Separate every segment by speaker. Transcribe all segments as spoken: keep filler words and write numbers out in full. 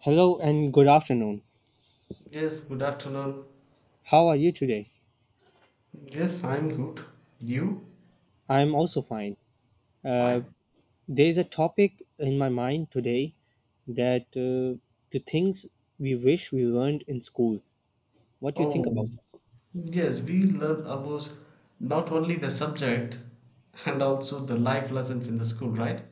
Speaker 1: Hello and good afternoon.
Speaker 2: Yes, good afternoon.
Speaker 1: How are you today?
Speaker 2: Yes, I'm good. You?
Speaker 1: I'm also fine. Uh,
Speaker 2: Fine.
Speaker 1: there's a topic in my mind today that uh, the things we wish we learned in school. What do you think
Speaker 2: Oh,
Speaker 1: about? it?
Speaker 2: yes, we learn about not only the subject and also the life lessons in the school, right?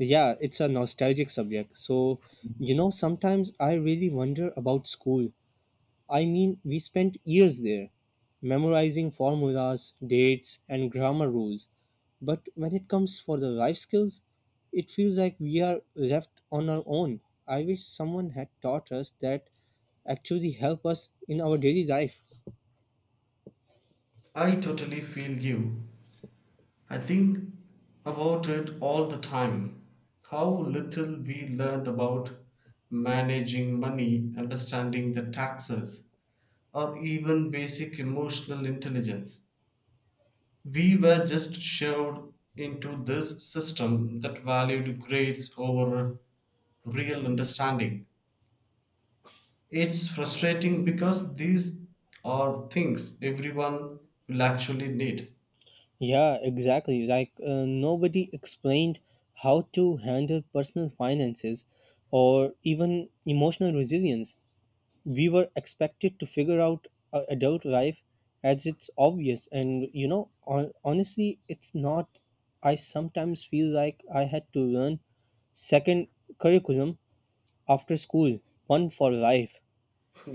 Speaker 1: Yeah, it's a nostalgic subject. So, you know, sometimes I really wonder about school. I mean, we spent years there, memorizing formulas, dates, and grammar rules. But when it comes for the life skills, it feels like we are left on our own. I wish someone had taught us that actually help us in our daily life.
Speaker 2: I totally feel you. I think about it all the time. How little we learned about managing money, understanding the taxes, or even basic emotional intelligence. We were just shoved into this system that valued grades over real understanding. It's frustrating because these are things everyone will actually need.
Speaker 1: Yeah, exactly. Like uh, nobody explained how to handle personal finances or even emotional resilience. We were expected to figure out uh, adult life as it's obvious, and you know on, honestly it's not. I sometimes feel like I had to learn second curriculum after school, one for life.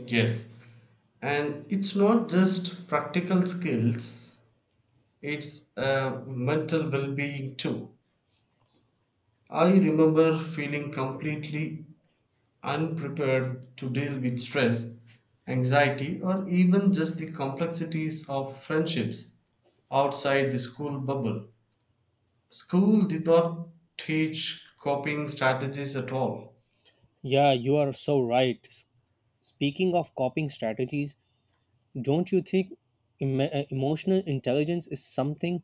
Speaker 2: Yes. And it's not just practical skills, it's uh, mental well being too. I remember feeling completely unprepared to deal with stress, anxiety, or even just the complexities of friendships outside the school bubble. School did not teach coping strategies at all.
Speaker 1: Yeah, you are so right. S- speaking of coping strategies, don't you think em- uh, emotional intelligence is something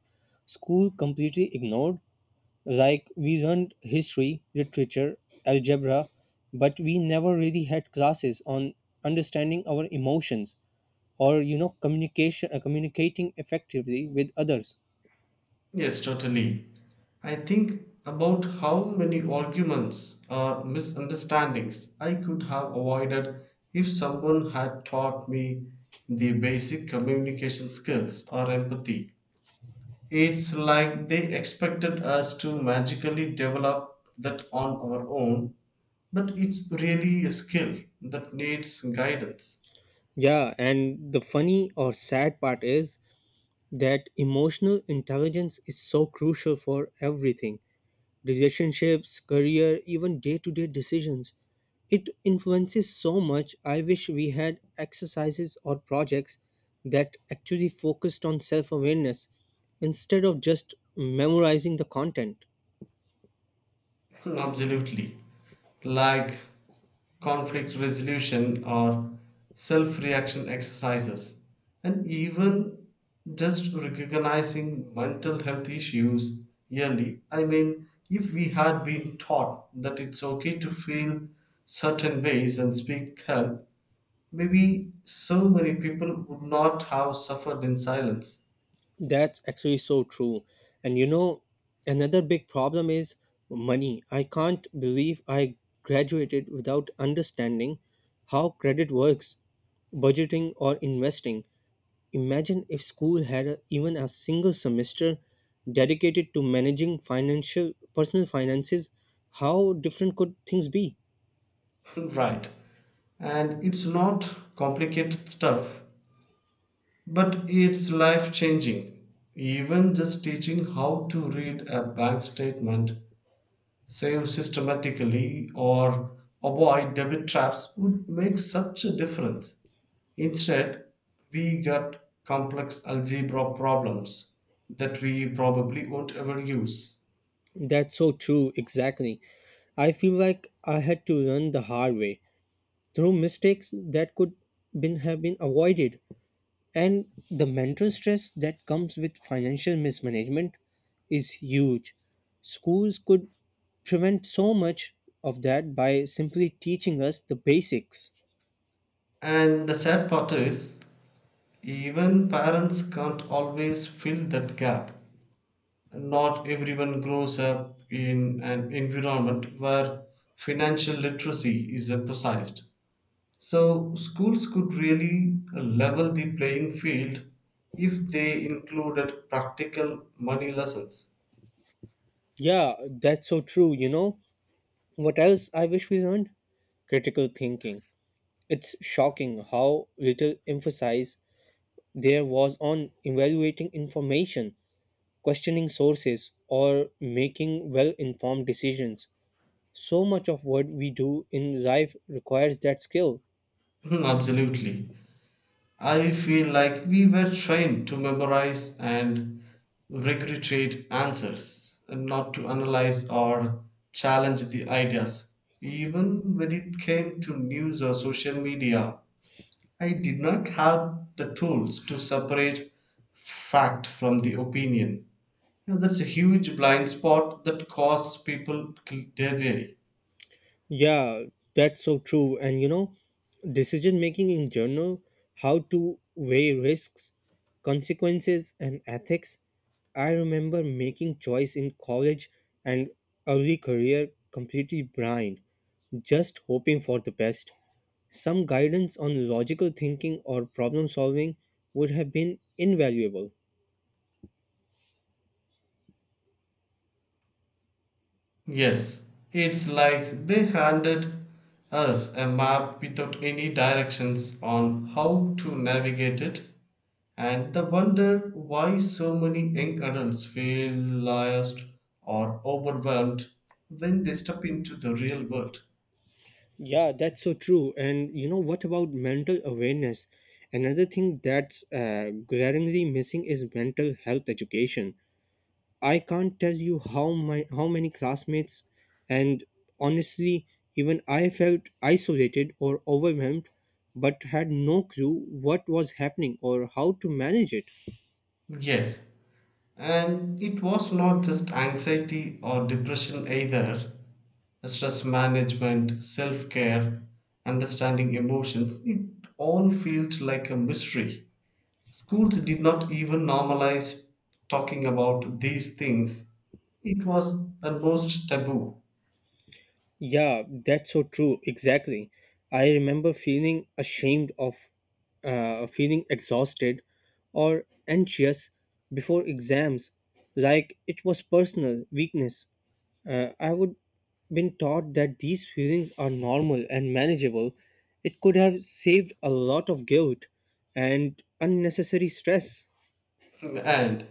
Speaker 1: school completely ignored? Like, we learned history, literature, algebra, but we never really had classes on understanding our emotions, or, you know, communication, uh, communicating effectively with others.
Speaker 2: Yes, totally. I think about how many arguments or misunderstandings I could have avoided if someone had taught me the basic communication skills or empathy. It's like they expected us to magically develop that on our own, but it's really a skill that needs guidance.
Speaker 1: Yeah, and the funny or sad part is that emotional intelligence is so crucial for everything: relationships, career, even day to day decisions. It influences so much. I wish we had exercises or projects that actually focused on self awareness instead of just memorizing the content.
Speaker 2: Absolutely. Like conflict resolution or self reaction exercises, and even just recognizing mental health issues yearly. I mean, if we had been taught that it's okay to feel certain ways and speak help, maybe so many people would not have suffered in silence.
Speaker 1: That's actually so true. And you know, another big problem is money. I can't believe I graduated without understanding how credit works, budgeting, or investing. Imagine if school had a, even a single semester dedicated to managing financial personal finances, how different could things be?
Speaker 2: Right. And it's not complicated stuff, but it's life changing. Even just teaching how to read a bank statement, save systematically, or avoid debit traps would make such a difference. Instead, we got complex algebra problems that we probably won't ever use.
Speaker 1: That's so true, exactly. I feel like I had to learn the hard way through mistakes that could been have been avoided. And the mental stress that comes with financial mismanagement is huge. Schools could prevent so much of that by simply teaching us the basics.
Speaker 2: And the sad part is, even parents can't always fill that gap. Not everyone grows up in an environment where financial literacy is emphasized. So, schools could really level the playing field if they included practical money lessons.
Speaker 1: Yeah, that's so true. You know what else I wish we learned? Critical thinking. It's shocking how little emphasis there was on evaluating information, questioning sources, or making well informed decisions. So much of what we do in life requires that skill.
Speaker 2: Hmm. Absolutely. I feel like we were trained to memorize and regurgitate answers, and not to analyze or challenge the ideas. Even when it came to news or social media, I did not have the tools to separate fact from the opinion. You know, that's a huge blind spot that costs people daily.
Speaker 1: Yeah, that's so true. And you know, decision making in general, how to weigh risks, consequences, and ethics. I remember making choice in college and early career completely blind, just hoping for the best. Some guidance on logical thinking or problem solving would have been invaluable.
Speaker 2: Yes, it's like they handed us a map without any directions on how to navigate it, and the wonder why so many young adults feel lost or overwhelmed when they step into the real world.
Speaker 1: Yeah, that's so true. And you know what about mental awareness? Another thing that's uh, glaringly missing is mental health education. I can't tell you how my how many classmates and honestly even I felt isolated or overwhelmed but had no clue what was happening or how to manage it.
Speaker 2: Yes, and it was not just anxiety or depression either. Stress management, self care, understanding emotions, it all felt like a mystery. Schools did not even normalize talking about these things. It was almost taboo.
Speaker 1: Yeah, that's so true. Exactly. I remember feeling ashamed of uh, feeling exhausted or anxious before exams, like it was personal weakness. Uh, I would been taught that these feelings are normal and manageable. It could have saved a lot of guilt and unnecessary stress.
Speaker 2: And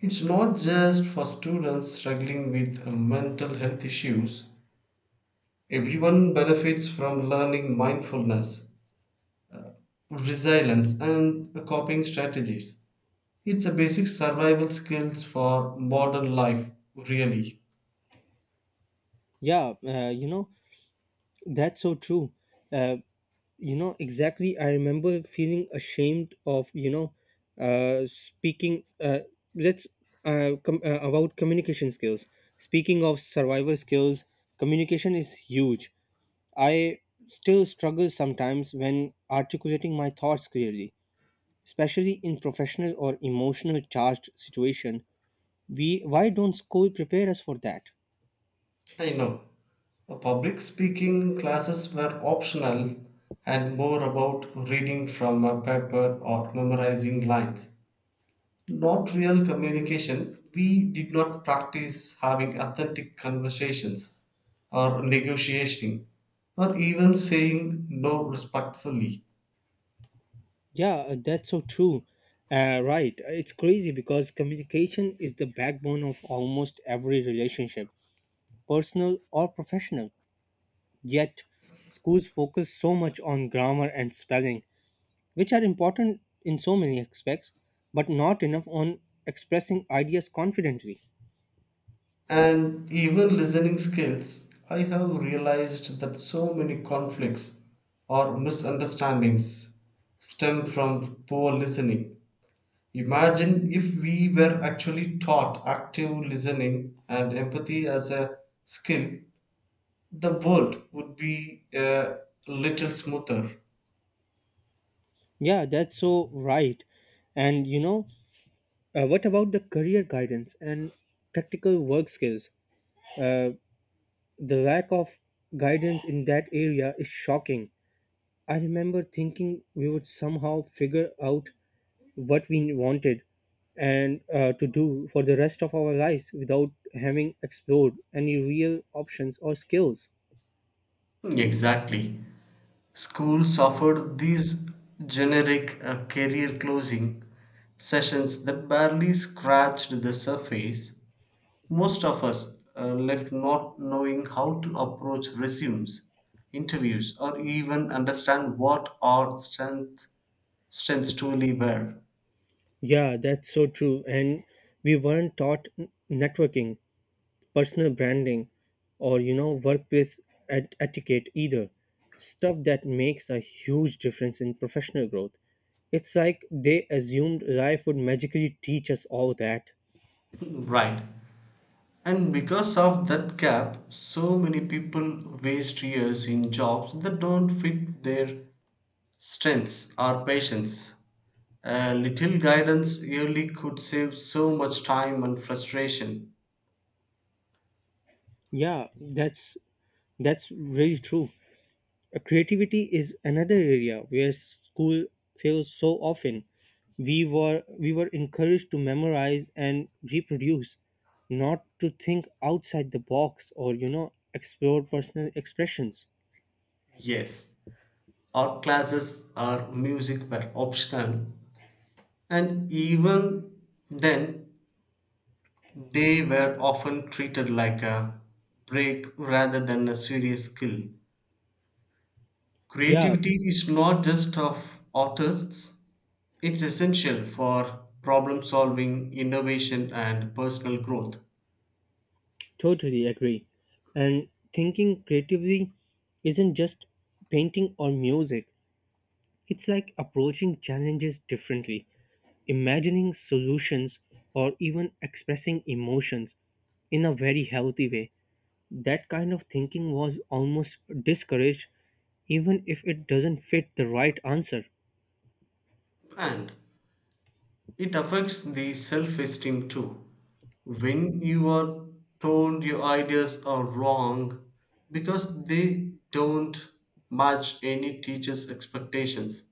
Speaker 2: it's not just for students struggling with uh, mental health issues. Everyone benefits from learning mindfulness, resilience, and coping strategies. It's a basic survival skills for modern life, really.
Speaker 1: Yeah, uh, you know, that's so true. Uh, you know exactly, I remember feeling ashamed of you know uh speaking uh let's uh, com- uh about communication skills. Speaking of survival skills, communication is huge. I still struggle sometimes when articulating my thoughts clearly, especially in professional or emotional charged situation. We why don't school prepare us for that?
Speaker 2: I know. Uh, Public speaking classes were optional and more about reading from a paper or memorizing lines. Not real communication, we did not practice having authentic conversations or negotiating or even saying no respectfully.
Speaker 1: Yeah, uh, that's so true. Uh, right. It's crazy because communication is the backbone of almost every relationship, personal or professional. Yet, schools focus so much on grammar and spelling, which are important in so many aspects, but not enough on expressing ideas confidently.
Speaker 2: And even listening skills, I have realized that so many conflicts or misunderstandings stem from poor listening. Imagine if we were actually taught active listening and empathy as a skill, the world would be a little smoother.
Speaker 1: Yeah, that's so right. And you know, uh, what about the career guidance and practical work skills? Uh, the lack of guidance in that area is shocking. I remember thinking we would somehow figure out what we wanted and uh, to do for the rest of our lives without having explored any real options or skills.
Speaker 2: Exactly. Schools offered these generic uh, career closing sessions that barely scratched the surface. Most of us uh, left not knowing how to approach resumes, interviews, or even understand what our strengths strengths truly were.
Speaker 1: Yeah, that's so true. And we weren't taught n- networking, personal branding, or you know, workplace et- etiquette either. Stuff that makes a huge difference in professional growth. It's like they assumed life would magically teach us all that.
Speaker 2: Right. And because of that gap, so many people waste years in jobs that don't fit their strengths or patience. A little guidance yearly could save so much time and frustration.
Speaker 1: Yeah, that's that's very true. Uh, Creativity is another area where school fails so often. We were we were encouraged to memorize and reproduce, not to think outside the box, or you know, explore personal expressions.
Speaker 2: Yes, art classes or music were optional, and even then, they were often treated like a break rather than a serious skill.
Speaker 1: Yeah,
Speaker 2: Creativity is not just of artists, it's essential for problem solving, innovation, and personal growth.
Speaker 1: totally agree. And thinking creatively isn't just painting or music. It's like approaching challenges differently, imagining solutions, or even expressing emotions in a very healthy way. That kind of thinking was almost discouraged, even if it doesn't fit the right answer.
Speaker 2: And it affects the self esteem too. When you are told your ideas are wrong because they don't match any teacher's expectations,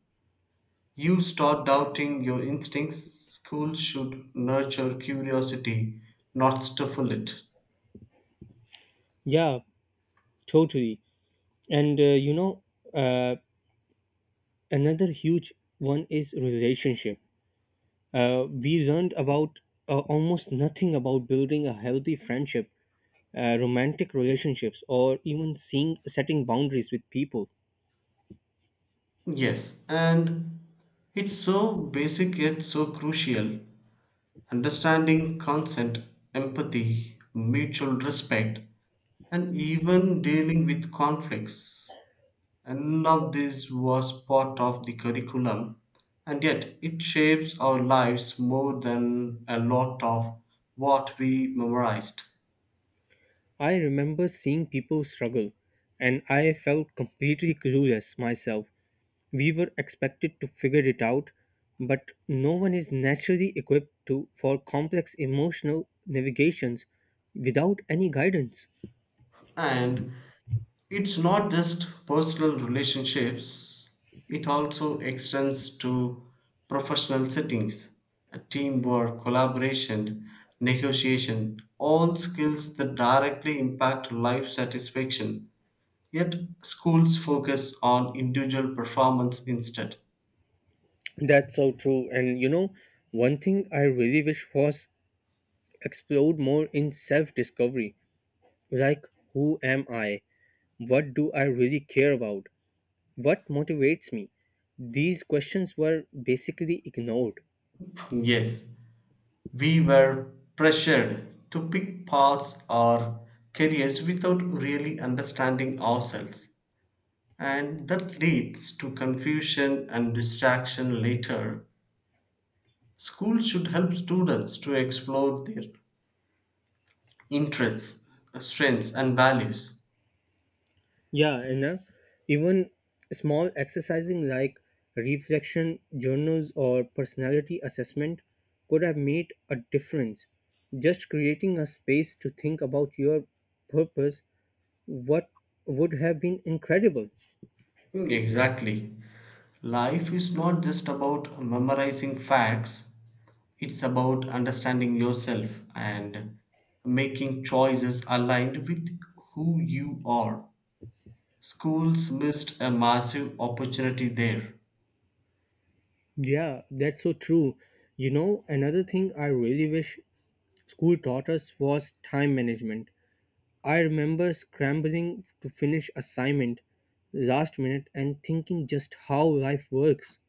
Speaker 2: you start doubting your instincts. Schools should nurture curiosity, not stifle it.
Speaker 1: Yeah, totally. And uh, you know, uh, another huge one is relationship. Uh, we learned about uh, almost nothing about building a healthy friendship, uh, romantic relationships, or even seeing setting boundaries with people.
Speaker 2: Yes, and it's so basic yet so crucial. Understanding consent, empathy, mutual respect, and even dealing with conflicts. And none of this was part of the curriculum, and yet it shapes our lives more than a lot of what we memorized.
Speaker 1: I remember seeing people struggle, and I felt completely clueless myself. We were expected to figure it out, but no one is naturally equipped to for complex emotional navigations without any guidance.
Speaker 2: And it's not just personal relationships, it also extends to professional settings, uh, teamwork, collaboration, negotiation, all skills that directly impact life satisfaction. Yet, schools focus on individual performance instead.
Speaker 1: That's so true. And you know, one thing I really wish was explored more in self discovery, like who am I? What do I really care about? What motivates me? These questions were basically ignored.
Speaker 2: Yes, we were pressured to pick paths or careers without really understanding ourselves. And that leads to confusion and distraction later. School should help students to explore their interests, strengths, and values.
Speaker 1: Yeah, and uh, even small exercising like reflection journals or personality assessment could have made a difference. Just creating a space to think about your purpose what would have been incredible.
Speaker 2: Mm, exactly. Life is not just about memorizing facts, it's about understanding yourself and making choices aligned with who you are. Schools missed a massive opportunity there.
Speaker 1: Yeah, that's so true. You know, another thing I really wish school taught us was time management. I remember scrambling to finish assignment last minute and thinking just how life works.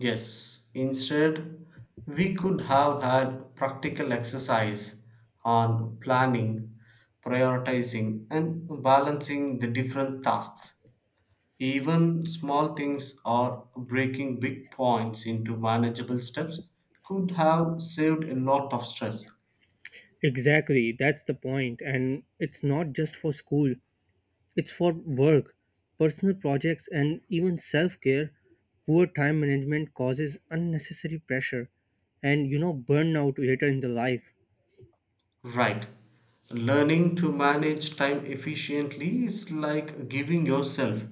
Speaker 2: Yes, instead, we could have had practical exercise on planning, prioritizing, and balancing the different tasks. Even small things or breaking big points into manageable steps could have saved a lot of stress.
Speaker 1: Exactly, that's the point. And it's not just for school, it's for work, personal projects, and even self care. Poor time management causes unnecessary pressure and, you know, burnout later in the life.
Speaker 2: Right. Learning to manage time efficiently is like giving yourself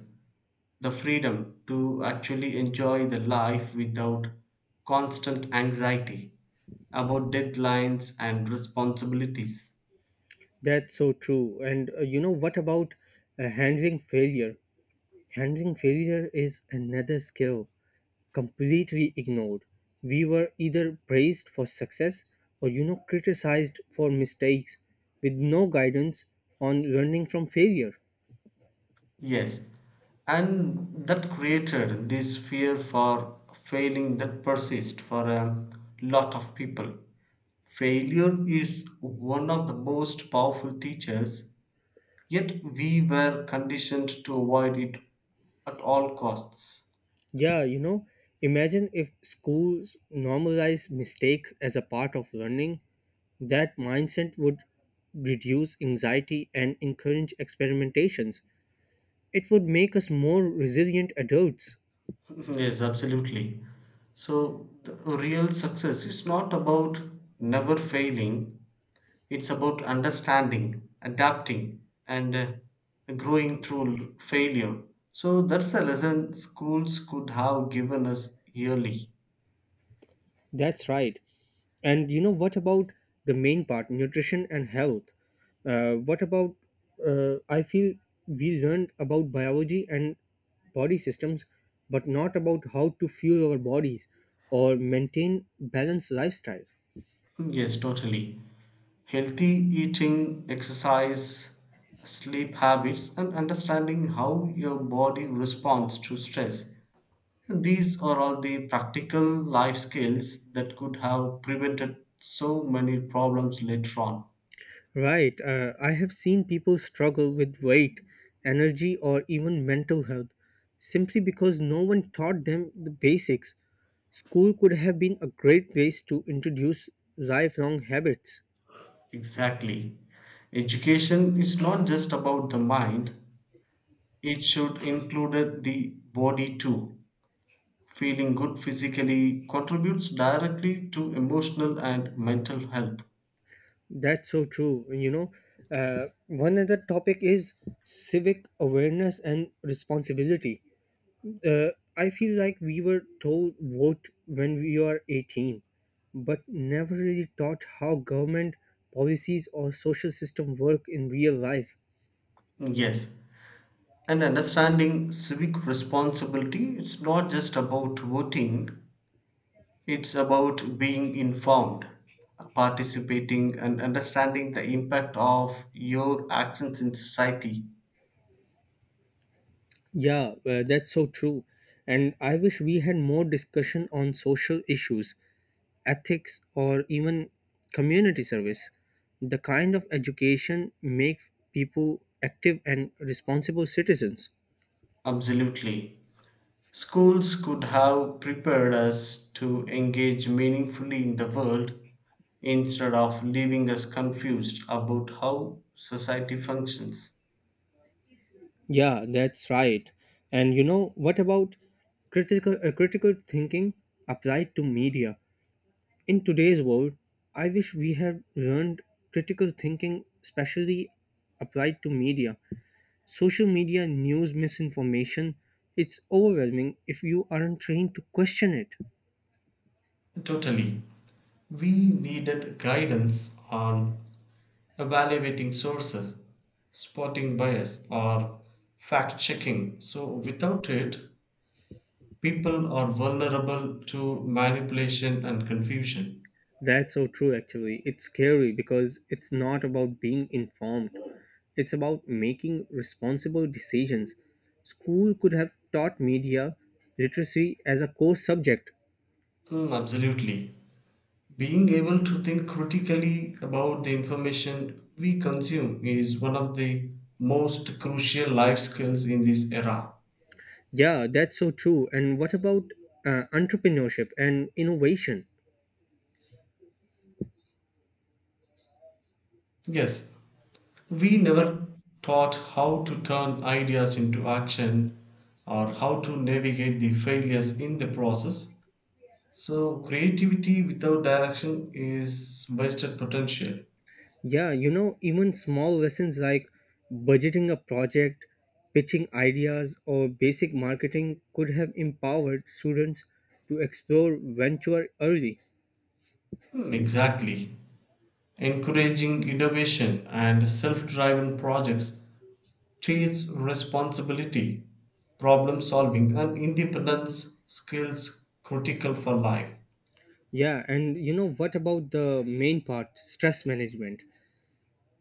Speaker 2: the freedom to actually enjoy the life without constant anxiety about deadlines and responsibilities.
Speaker 1: That's so true. And, uh, you know, what about uh, handling failure? Handling failure is another skill completely ignored. We were either praised for success or you know criticized for mistakes with no guidance on learning from failure.
Speaker 2: Yes, and that created this fear for failing that persists for a lot of people. Failure is one of the most powerful teachers, yet we were conditioned to avoid it at all costs.
Speaker 1: Yeah, you know, imagine if schools normalize mistakes as a part of learning, that mindset would reduce anxiety and encourage experimentations. It would make us more resilient adults.
Speaker 2: Yes, absolutely. So, the real success is not about never failing, it's about understanding, adapting, and uh, growing through failure. So, that's a lesson schools could have given us yearly.
Speaker 1: That's right. And you know what about the main part, nutrition and health? Uh, what about? Uh, I feel we learned about biology and body systems, but not about how to fuel our bodies or maintain balanced lifestyle.
Speaker 2: Hmm, yes, totally. Healthy eating, exercise, sleep habits, and understanding how your body responds to stress. These are all the practical life skills that could have prevented so many problems later on.
Speaker 1: Right. Uh, I have seen people struggle with weight, energy, or even mental health simply because no one taught them the basics. School could have been a great place to introduce lifelong habits.
Speaker 2: Exactly. Education is not just about the mind, it should include the body too. Feeling good physically contributes directly to emotional and mental health.
Speaker 1: That's so true. You know, uh, one other topic is civic awareness and responsibility. Uh, I feel like we were told vote when we are eighteen, but never really taught how government policies or social system work in real life.
Speaker 2: Yes, and understanding civic responsibility is not just about voting, it's about being informed, participating, and understanding the impact of your actions in society.
Speaker 1: Yeah, uh, that's so true. And I wish we had more discussion on social issues, ethics, or even community service. The kind of education make people active and responsible citizens.
Speaker 2: Absolutely. Schools could have prepared us to engage meaningfully in the world instead of leaving us confused about how society functions.
Speaker 1: Yeah, that's right. And you know, what about critical uh, critical thinking applied to media? In today's world, I wish we had learned critical thinking especially applied to media. Social media news misinformation, it's overwhelming if you aren't trained to question it.
Speaker 2: Totally. We needed guidance on evaluating sources, spotting bias, or fact checking. So, without it, people are vulnerable to manipulation and confusion.
Speaker 1: That's so true, actually. It's scary because it's not about being informed, it's about making responsible decisions. School could have taught media literacy as a core subject.
Speaker 2: Mm, absolutely. Being able to think critically about the information we consume is one of the most crucial life skills in this era.
Speaker 1: Yeah, that's so true. And what about uh, entrepreneurship and innovation?
Speaker 2: Yes, we never taught how to turn ideas into action or how to navigate the failures in the process. So creativity without direction is wasted potential.
Speaker 1: Yeah, you know, even small lessons like budgeting a project, pitching ideas, or basic marketing could have empowered students to explore venture early.
Speaker 2: Hmm, exactly. Encouraging innovation and self-driven projects teaches responsibility, problem solving and independence skills critical for life.
Speaker 1: Yeah, and you know what about the main part, stress management?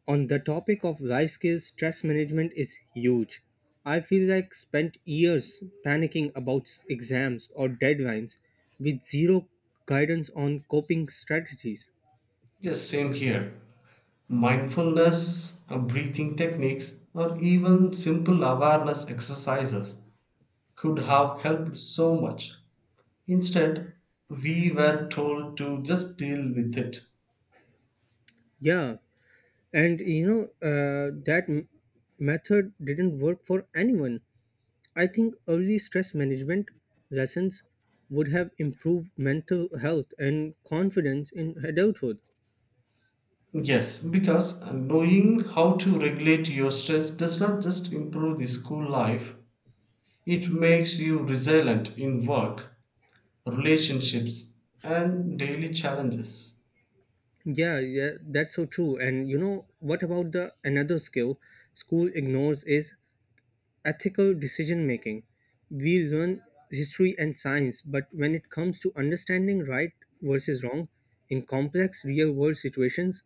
Speaker 1: On the topic of life skills, stress management is huge. I feel like spent years panicking about exams or deadlines with zero guidance on coping strategies.
Speaker 2: Yes, same here. Mindfulness, uh, breathing techniques or even simple awareness exercises could have helped so much. Instead, we were told to just deal with it.
Speaker 1: Yeah, and you know uh, that m- method didn't work for anyone. I think early stress management lessons would have improved mental health and confidence in adulthood.
Speaker 2: Yes, because knowing how to regulate your stress does not just improve the school life, it makes you resilient in work, relationships, and daily challenges.
Speaker 1: Yeah, yeah, that's so true. And you know what about the another skill school ignores is ethical decision making. We learn history and science, but when it comes to understanding right versus wrong in complex real world situations,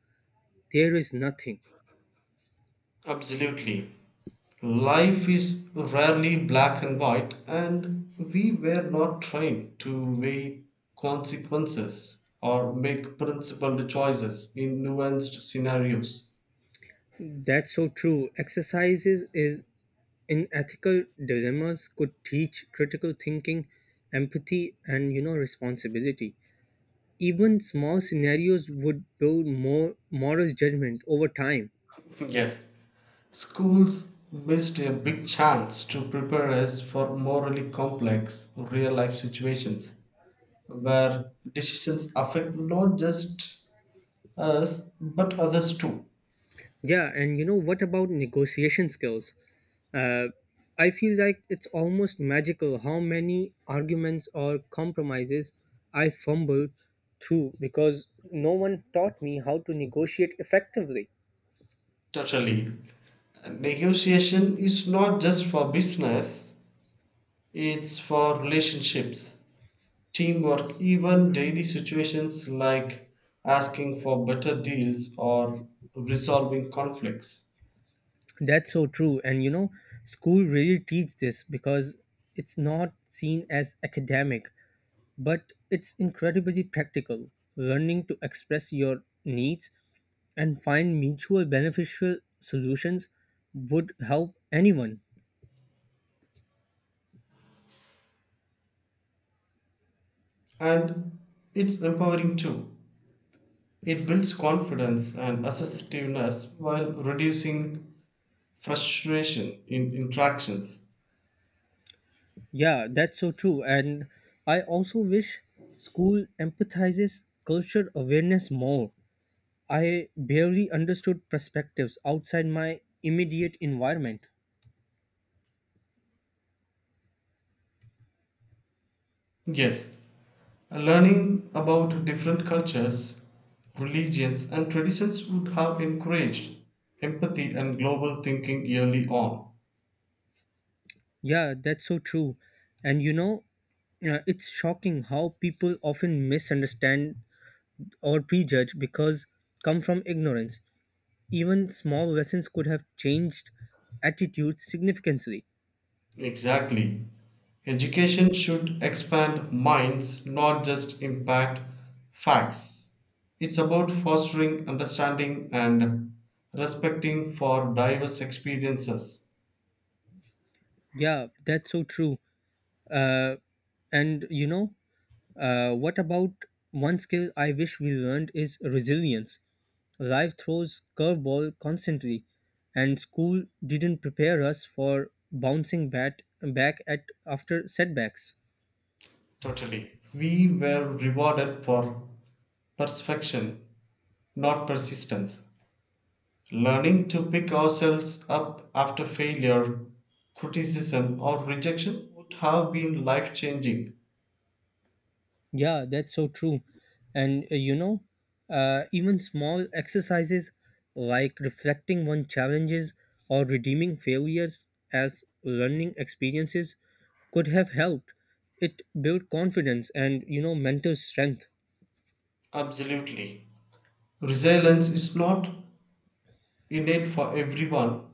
Speaker 1: there is nothing.
Speaker 2: Absolutely. Life is rarely black and white, and we were not trained to weigh consequences or make principled choices in nuanced scenarios.
Speaker 1: That's so true. Exercises is in ethical dilemmas could teach critical thinking, empathy, and you know responsibility. Even small scenarios would build more moral judgment over time.
Speaker 2: Yes, schools missed a big chance to prepare us for morally complex real life situations where decisions affect not just us but others too.
Speaker 1: Yeah and you know what about negotiation skills? uh, I feel like it's almost magical how many arguments or compromises I fumbled through because no one taught me how to negotiate effectively.
Speaker 2: Totally. Negotiation is not just for business, it's for relationships, teamwork, even daily situations like asking for better deals or resolving conflicts.
Speaker 1: That's so true. And you know, school really teach this because it's not seen as academic, but it's incredibly practical. Learning to express your needs and find mutual beneficial solutions would help anyone.
Speaker 2: And it's empowering too. It builds confidence and assertiveness while reducing frustration in interactions.
Speaker 1: Yeah, that's so true. And I also wish school empathizes culture awareness more. I barely understood perspectives outside my immediate environment.
Speaker 2: Yes, learning about different cultures, religions, and traditions would have encouraged empathy and global thinking early on.
Speaker 1: Yeah, that's so true. And you know, uh, it's shocking how people often misunderstand or prejudge because come from ignorance. Even small lessons could have changed attitudes significantly.
Speaker 2: Exactly. Education should expand minds, not just impact facts. It's about fostering understanding and respecting for diverse experiences.
Speaker 1: Yeah, that's so true. Uh, and you know, uh, what about one skill I wish we learned is resilience. Life throws curveball constantly, and school didn't prepare us for bouncing bat back at after setbacks.
Speaker 2: Totally. We were rewarded for perfection, not persistence. Learning to pick ourselves up after failure, criticism, or rejection would have been life changing.
Speaker 1: Yeah, that's so true. And uh, you know, uh, even small exercises like reflecting on challenges or redeeming failures as learning experiences could have helped. It built confidence and you know mental strength.
Speaker 2: Absolutely. Resilience is not innate for everyone,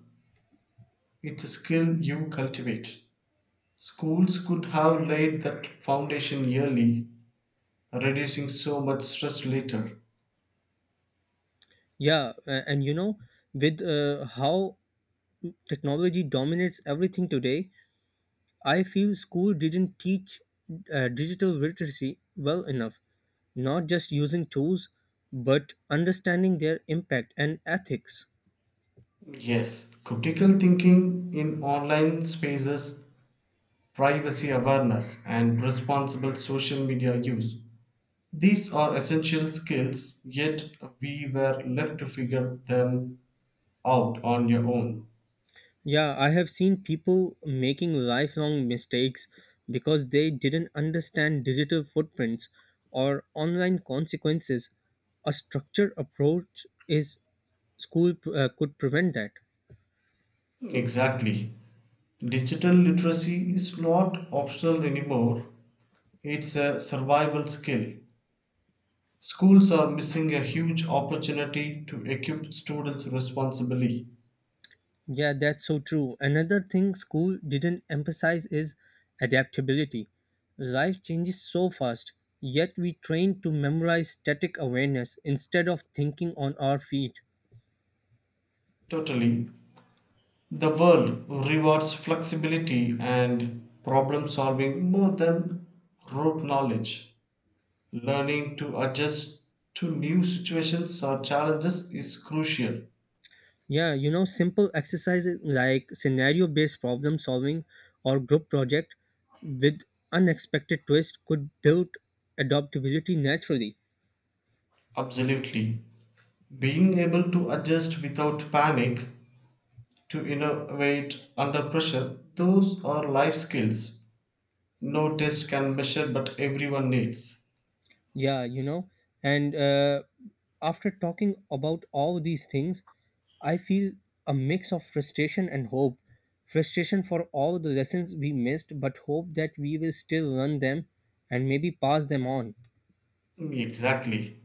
Speaker 2: it's a skill you cultivate. Schools could have laid that foundation early, reducing so much stress later.
Speaker 1: Yeah, a- and you know with uh, how technology dominates everything today, I feel school didn't teach uh, digital literacy well enough, not just using tools, but understanding their impact and ethics.
Speaker 2: Yes, critical thinking in online spaces, privacy awareness, and responsible social media use. These are essential skills, yet we were left to figure them out on your own.
Speaker 1: Yeah, I have seen people making lifelong mistakes because they didn't understand digital footprints or online consequences. A structured approach is school uh, could prevent that.
Speaker 2: Exactly. Digital literacy is not optional anymore, it's a survival skill. Schools are missing a huge opportunity to equip students responsibly.
Speaker 1: Yeah, that's so true. Another thing school didn't emphasize is adaptability. Life changes so fast, yet we train to memorize static awareness instead of thinking on our feet.
Speaker 2: Totally. The world rewards flexibility and problem solving more than rote knowledge. Learning to adjust to new situations or challenges is crucial.
Speaker 1: Yeah, you know, simple exercises like scenario based problem solving or group project with unexpected twist could build adaptability naturally.
Speaker 2: Absolutely. Being able to adjust without panic, to innovate under pressure, those are life skills. No test can measure, but everyone needs.
Speaker 1: Yeah, you know, and uh, after talking about all these things, I feel a mix of frustration and hope. Frustration for all the lessons we missed, but hope that we will still learn them and maybe pass them on.
Speaker 2: Exactly.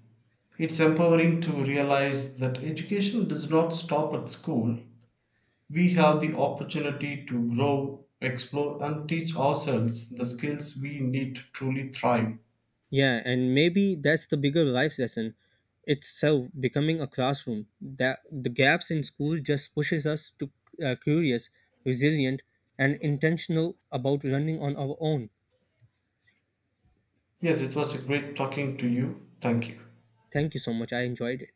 Speaker 2: It's empowering to realize that education does not stop at school. We have the opportunity to grow, explore, and teach ourselves the skills we need to truly thrive.
Speaker 1: Yeah, and maybe that's the bigger life lesson itself becoming a classroom. That the gaps in school just pushes us to uh, curious, resilient, and intentional about learning on our own.
Speaker 2: Yes, it was a great talking to you. Thank you.
Speaker 1: Thank you so much. I enjoyed it.